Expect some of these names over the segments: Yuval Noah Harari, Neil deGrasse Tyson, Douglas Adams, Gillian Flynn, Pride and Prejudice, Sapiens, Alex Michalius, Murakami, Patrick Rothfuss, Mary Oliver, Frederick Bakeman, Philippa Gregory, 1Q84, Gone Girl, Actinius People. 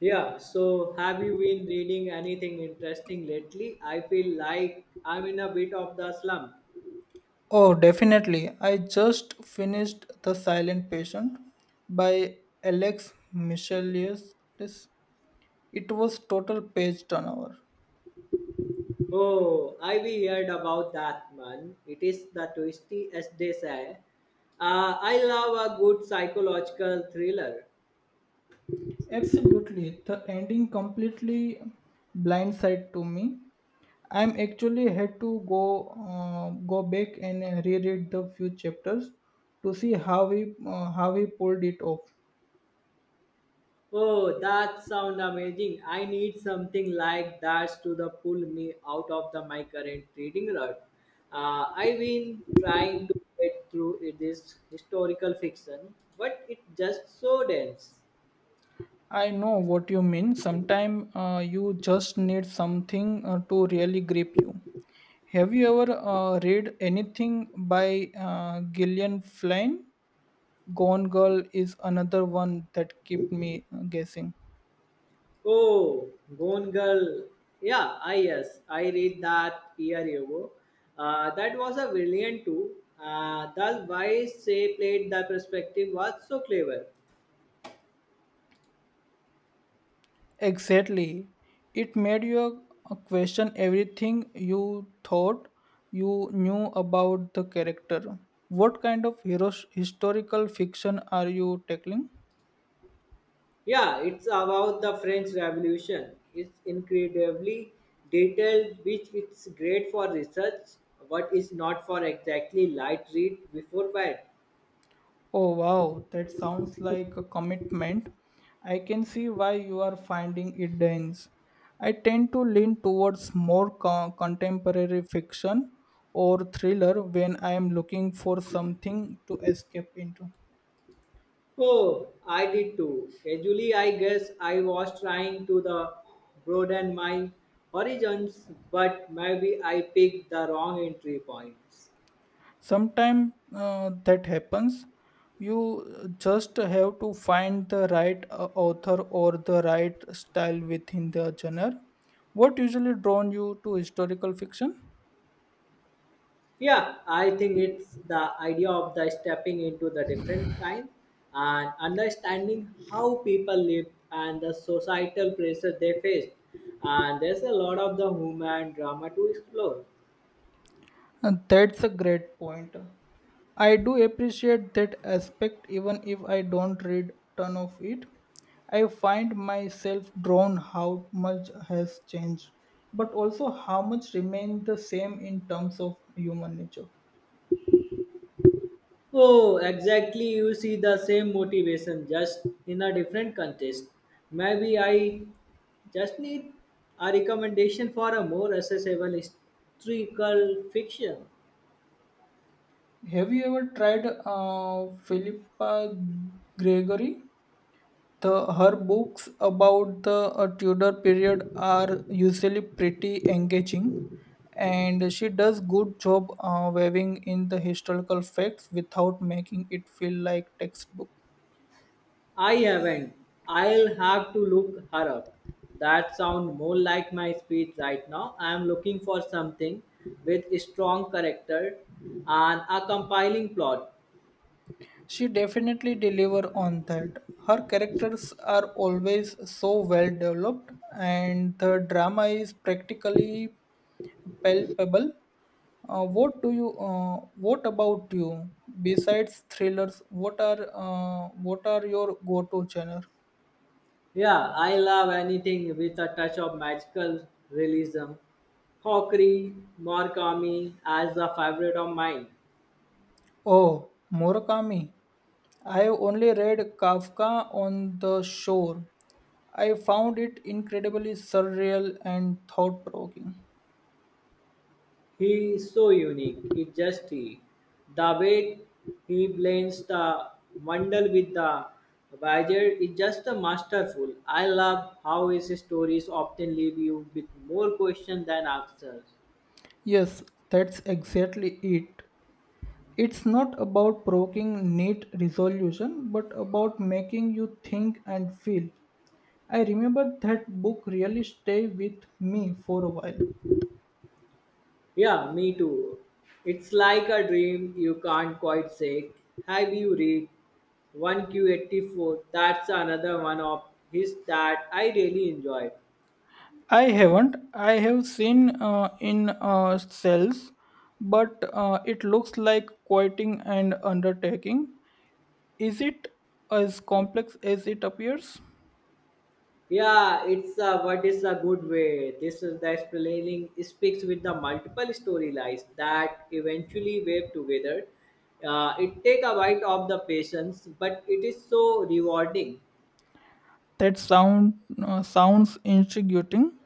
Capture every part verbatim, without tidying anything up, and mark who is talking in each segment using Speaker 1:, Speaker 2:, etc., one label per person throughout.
Speaker 1: Yeah, so have you been reading anything interesting lately? I feel like I'm in a bit of the slump.
Speaker 2: Oh, definitely. I just finished The Silent Patient by Alex Michalius. It was total page turnover.
Speaker 1: Oh, I've heard about that man. It is the twisty as they say. Uh, I love a good psychological thriller.
Speaker 2: Absolutely. The ending completely blindsided to me. I'm actually had to go uh, go back and reread the few chapters to see how we uh, how we pulled it off.
Speaker 1: Oh, that sounds amazing. I need something like that to the pull me out of the my current reading rut. Uh, I've been trying to get through it- this historical fiction, but it's just so dense.
Speaker 2: I know what you mean. Sometimes uh, you just need something uh, to really grip you. Have you ever uh, read anything by uh, Gillian Flynn? Gone Girl is another one that kept me uh, guessing.
Speaker 1: Oh, Gone Girl. Yeah, I yes, I read that year ago. Uh, that was a brilliant too. Uh, the way she played the perspective was so clever.
Speaker 2: Exactly. It made you uh, question everything you thought you knew about the character. What kind of heroes, historical fiction are you tackling?
Speaker 1: Yeah, it's about the French Revolution. It's incredibly detailed, which is great for research, but is not for exactly light read before bed.
Speaker 2: Oh wow, that sounds like a commitment. I can see why you are finding it dense. I tend to lean towards more co- contemporary fiction or thriller when I am looking for something to escape into.
Speaker 1: Oh, I did too. Actually, I guess I was trying to the broaden my horizons, but maybe I picked the wrong entry points.
Speaker 2: Sometimes uh, that happens. You just have to find the right uh, author or the right style within the genre. What usually drawn you to historical fiction?
Speaker 1: Yeah, I think it's the idea of the stepping into the different time and understanding how people lived and the societal pressures they faced. And there's a lot of the human drama to explore.
Speaker 2: Uh, That's a great point. I do appreciate that aspect even if I don't read ton of it. I find myself drawn how much has changed, but also how much remains the same in terms of human nature.
Speaker 1: Oh, exactly. You see the same motivation, just in a different context. Maybe I just need a recommendation for a more accessible historical fiction.
Speaker 2: Have you ever tried uh, Philippa Gregory? The her books about the uh, Tudor period are usually pretty engaging, and she does good job uh, weaving in the historical facts without making it feel like textbook.
Speaker 1: I haven't. I'll have to look her up. That sounds more like my speed right now. I'm looking for something with strong character and a compiling plot.
Speaker 2: She definitely deliver on that. Her characters are always so well developed, and the drama is practically palpable. Uh, what do you? Uh, what about you? Besides thrillers, what are uh, what are your go-to genre?
Speaker 1: Yeah, I love anything with a touch of magical realism. Hawkery Murakami as a favorite of mine.
Speaker 2: Oh, Murakami. I have only read Kafka on the Shore. I found it incredibly surreal and thought-provoking.
Speaker 1: He is so unique. It's just he. The way he blends the wonder with the wizard. Is just a masterful. I love how his stories often leave you with more questions than answers.
Speaker 2: Yes, that's exactly it. It's not about provoking neat resolution, but about making you think and feel. I remember that book really stayed with me for a while.
Speaker 1: Yeah, me too. It's like a dream you can't quite shake. Have you read one Q eighty-four? That's another one of his that I really enjoyed.
Speaker 2: I haven't. I have seen uh, in uh, cells, but uh, it looks like quoting and undertaking. Is it as complex as it appears?
Speaker 1: Yeah, it's a, what is a good way. This is the explaining speaks with the multiple storylines that eventually wave together. Uh, it take a bite of the patience, but it is so rewarding.
Speaker 2: That sound uh, sounds intriguing.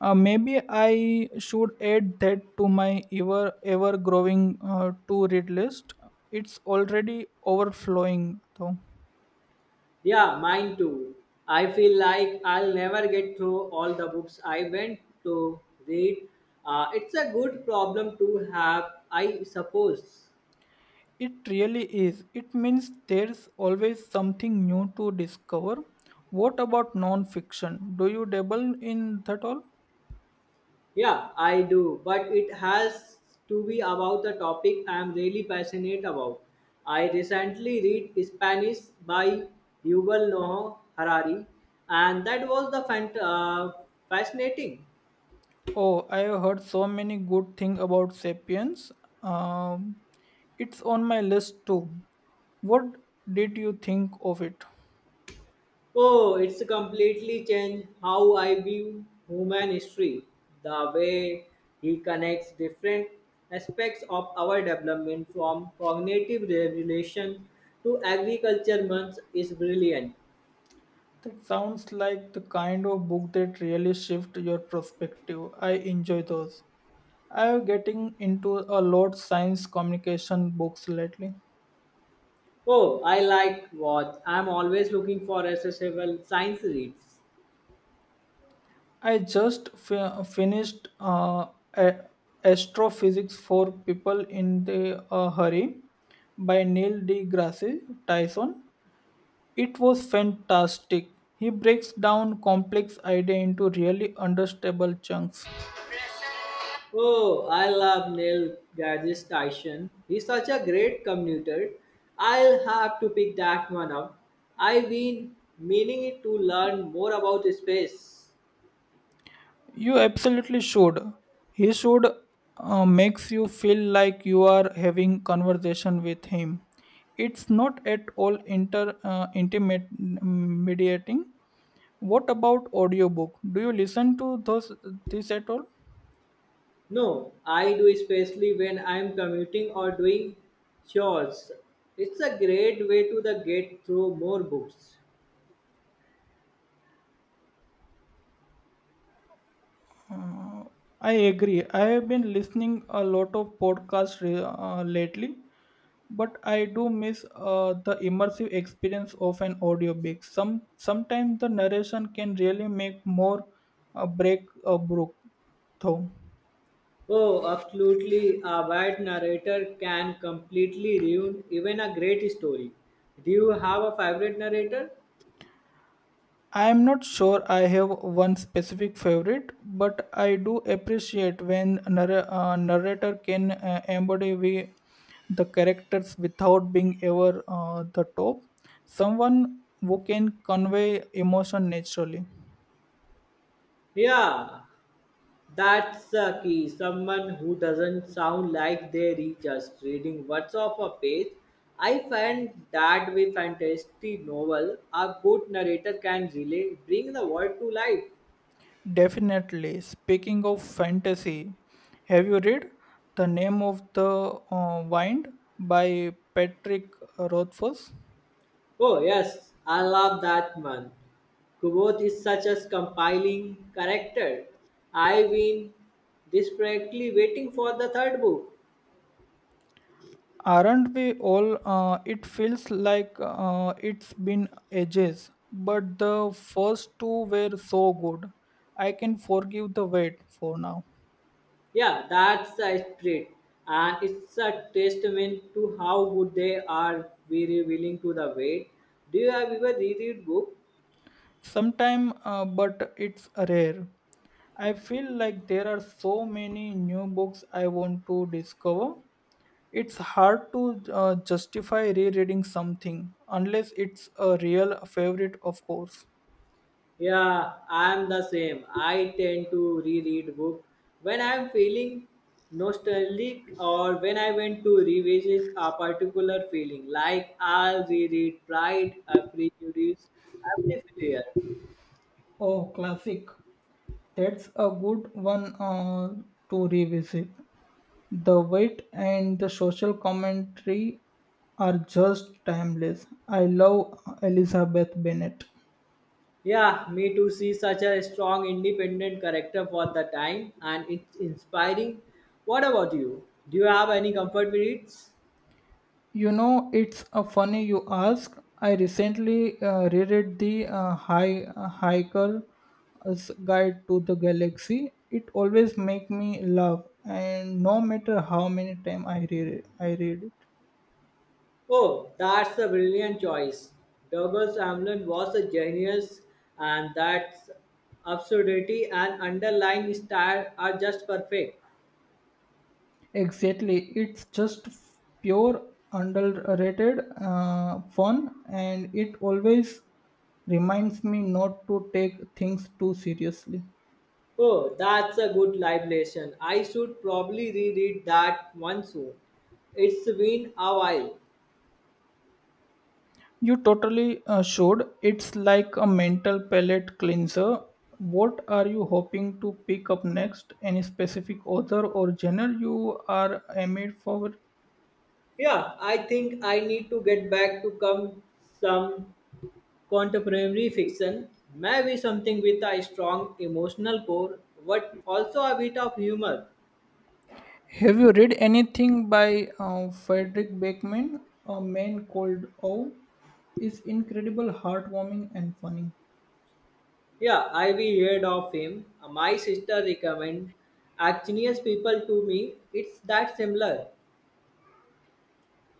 Speaker 2: Uh, maybe I should add that to my ever ever growing uh, to read list. It's already overflowing though.
Speaker 1: Yeah, mine too. I feel like I'll never get through all the books I went to read. Uh, it's a good problem to have, I suppose.
Speaker 2: It really is. It means there's always something new to discover. What about non-fiction? Do you dabble in that all?
Speaker 1: Yeah, I do, but it has to be about the topic I'm really passionate about. I recently read Spanish by Yuval Noah Harari, and that was the fant- uh, fascinating.
Speaker 2: Oh, I have heard so many good things about Sapiens. Um, it's on my list too. What did you think of it?
Speaker 1: Oh, it's completely changed how I view human history, the way he connects different aspects of our development from cognitive regulation to agriculture months is brilliant.
Speaker 2: That sounds like the kind of book that really shift your perspective. I enjoy those. I am getting into a lot science communication books lately.
Speaker 1: Oh, I like what I'm always looking for accessible science reads.
Speaker 2: I just fi- finished uh, a- Astrophysics for People in the uh, Hurry by Neil deGrasse Tyson. It was fantastic. He breaks down complex idea into really understandable chunks.
Speaker 1: Oh, I love Neil Gaige's Tyson. He's such a great commuter. I'll have to pick that one up. I've been meaning it to learn more about space.
Speaker 2: You absolutely should. He should uh, makes you feel like you are having conversation with him. It's not at all inter uh, intimidating. What about audiobook? Do you listen to those this at all?
Speaker 1: No, I do especially when I'm commuting or doing chores. It's a great way to the get through more books.
Speaker 2: Uh, I agree. I have been listening a lot of podcasts re- uh, lately, but I do miss uh, the immersive experience of an audiobook. Some sometimes the narration can really make more a break a brook though.
Speaker 1: Oh, absolutely. A bad narrator can completely ruin even a great story. Do you have a favorite narrator?
Speaker 2: I am not sure I have one specific favorite, but I do appreciate when a narr- uh, narrator can uh, embody we, the characters without being ever uh, the top. Someone who can convey emotion naturally.
Speaker 1: Yeah, that's the key. Someone who doesn't sound like they are just reading words off a page. I find that with fantasy novel, a good narrator can really bring the world to life.
Speaker 2: Definitely. Speaking of fantasy, have you read The Name of the uh, Wind by Patrick Rothfuss?
Speaker 1: Oh yes, I love that man. Kubot is such a compiling character. I've been desperately waiting for the third book.
Speaker 2: Aren't we all? Uh, it feels like uh, it's been ages, but the first two were so good. I can forgive the wait for now.
Speaker 1: Yeah, that's the spirit, and it's a testament to how good they are very willing to the wait. Do you have ever reread book?
Speaker 2: Sometime, uh, but it's rare. I feel like there are so many new books I want to discover. It's hard to uh, justify rereading something unless it's a real favorite, of course.
Speaker 1: Yeah, I'm the same. I tend to reread book when I'm feeling nostalgic or when I went to revisit a particular feeling. Like I'll reread Pride, uh, Prejudice every year.
Speaker 2: Oh, classic. That's a good one uh, to revisit. The wit and the social commentary are just timeless. I love Elizabeth Bennet.
Speaker 1: Yeah, me too. See such a strong, independent character for the time, and it's inspiring. What about you? Do you have any comfort reads?
Speaker 2: You know, it's uh, funny you ask. I recently uh, reread the uh, Hi- uh, Hiker's Guide to the Galaxy. It always make me laugh, and no matter how many time I read it, I read it.
Speaker 1: Oh, that's a brilliant choice. Douglas Hamlin was a genius, and that's absurdity and underlying style are just perfect.
Speaker 2: Exactly, it's just f- pure underrated uh, fun, and it always reminds me not to take things too seriously.
Speaker 1: Oh, that's a good live lesson. I should probably reread that one soon. It's been a while.
Speaker 2: You totally uh, should. It's like a mental palate cleanser. What are you hoping to pick up next? Any specific author or genre you are aimed for?
Speaker 1: Yeah, I think I need to get back to come some contemporary fiction, maybe something with a strong emotional core, but also a bit of humor.
Speaker 2: Have you read anything by uh, Frederick Bakeman? A Man Called Ow is incredible, heartwarming, and funny.
Speaker 1: Yeah, I've heard of him. My sister recommend Actinius People to me. It's that similar.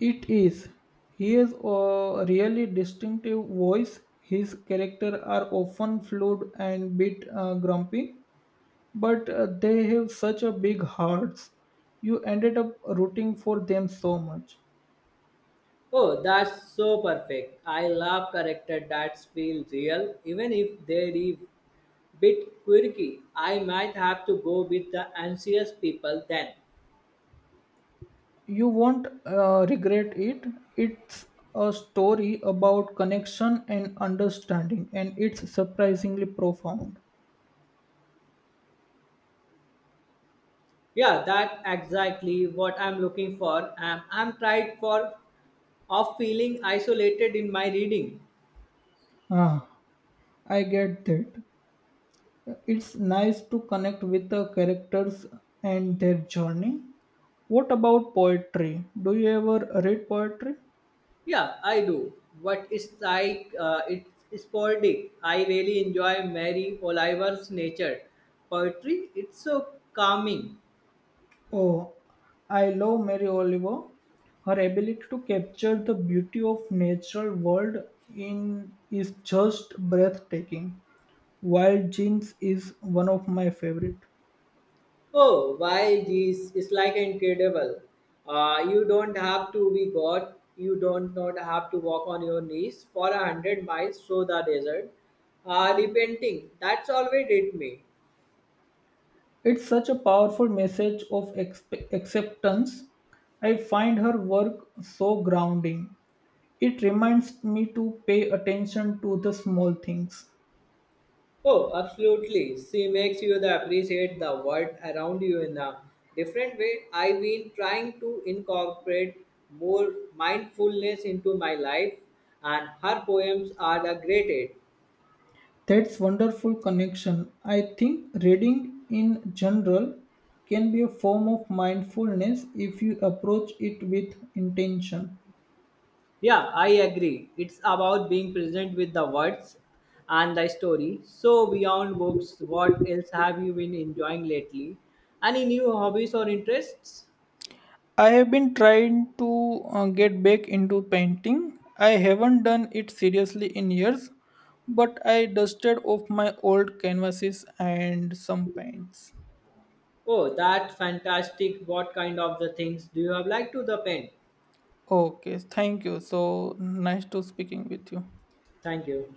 Speaker 2: It is. He has a really distinctive voice. His characters are often flawed and bit uh, grumpy, but uh, they have such a big hearts. You ended up rooting for them so much.
Speaker 1: Oh, that's so perfect. I love character that feel real, even if they're a bit quirky. I might have to go with the anxious people then.
Speaker 2: You won't uh, regret it. It's a story about connection and understanding, and it's surprisingly profound.
Speaker 1: Yeah, that exactly what I'm looking for. I'm I'm tried for of feeling isolated in my reading.
Speaker 2: Ah, I get that. It's nice to connect with the characters and their journey. What about poetry? Do you ever read poetry?
Speaker 1: Yeah, I do. But it's like uh, it's sporadic. I really enjoy Mary Oliver's nature poetry. It's so calming.
Speaker 2: Oh, I love Mary Oliver. Her ability to capture the beauty of natural world in is just breathtaking. Wild Jeans is one of my favorite.
Speaker 1: Oh, why, geez, it's like incredible. Uh, you don't have to be God. You don't not have to walk on your knees for a hundred miles through the desert. Uh, repenting. That's always did me.
Speaker 2: It's such a powerful message of expe- acceptance. I find her work so grounding. It reminds me to pay attention to the small things.
Speaker 1: Oh, absolutely. She makes you the appreciate the world around you in a different way. I've been trying to incorporate more mindfulness into my life, and her poems are the great aid.
Speaker 2: That's wonderful connection. I think reading in general can be a form of mindfulness if you approach it with intention.
Speaker 1: Yeah, I agree. It's about being present with the words and the story. So, beyond books, what else have you been enjoying lately? Any new hobbies or interests?
Speaker 2: I have been trying to uh, get back into painting. I haven't done it seriously in years, but I dusted off my old canvases and some paints.
Speaker 1: Oh, that's fantastic. What kind of the things do you have like to the pen?
Speaker 2: Okay, thank you. So nice to speaking with you.
Speaker 1: Thank you.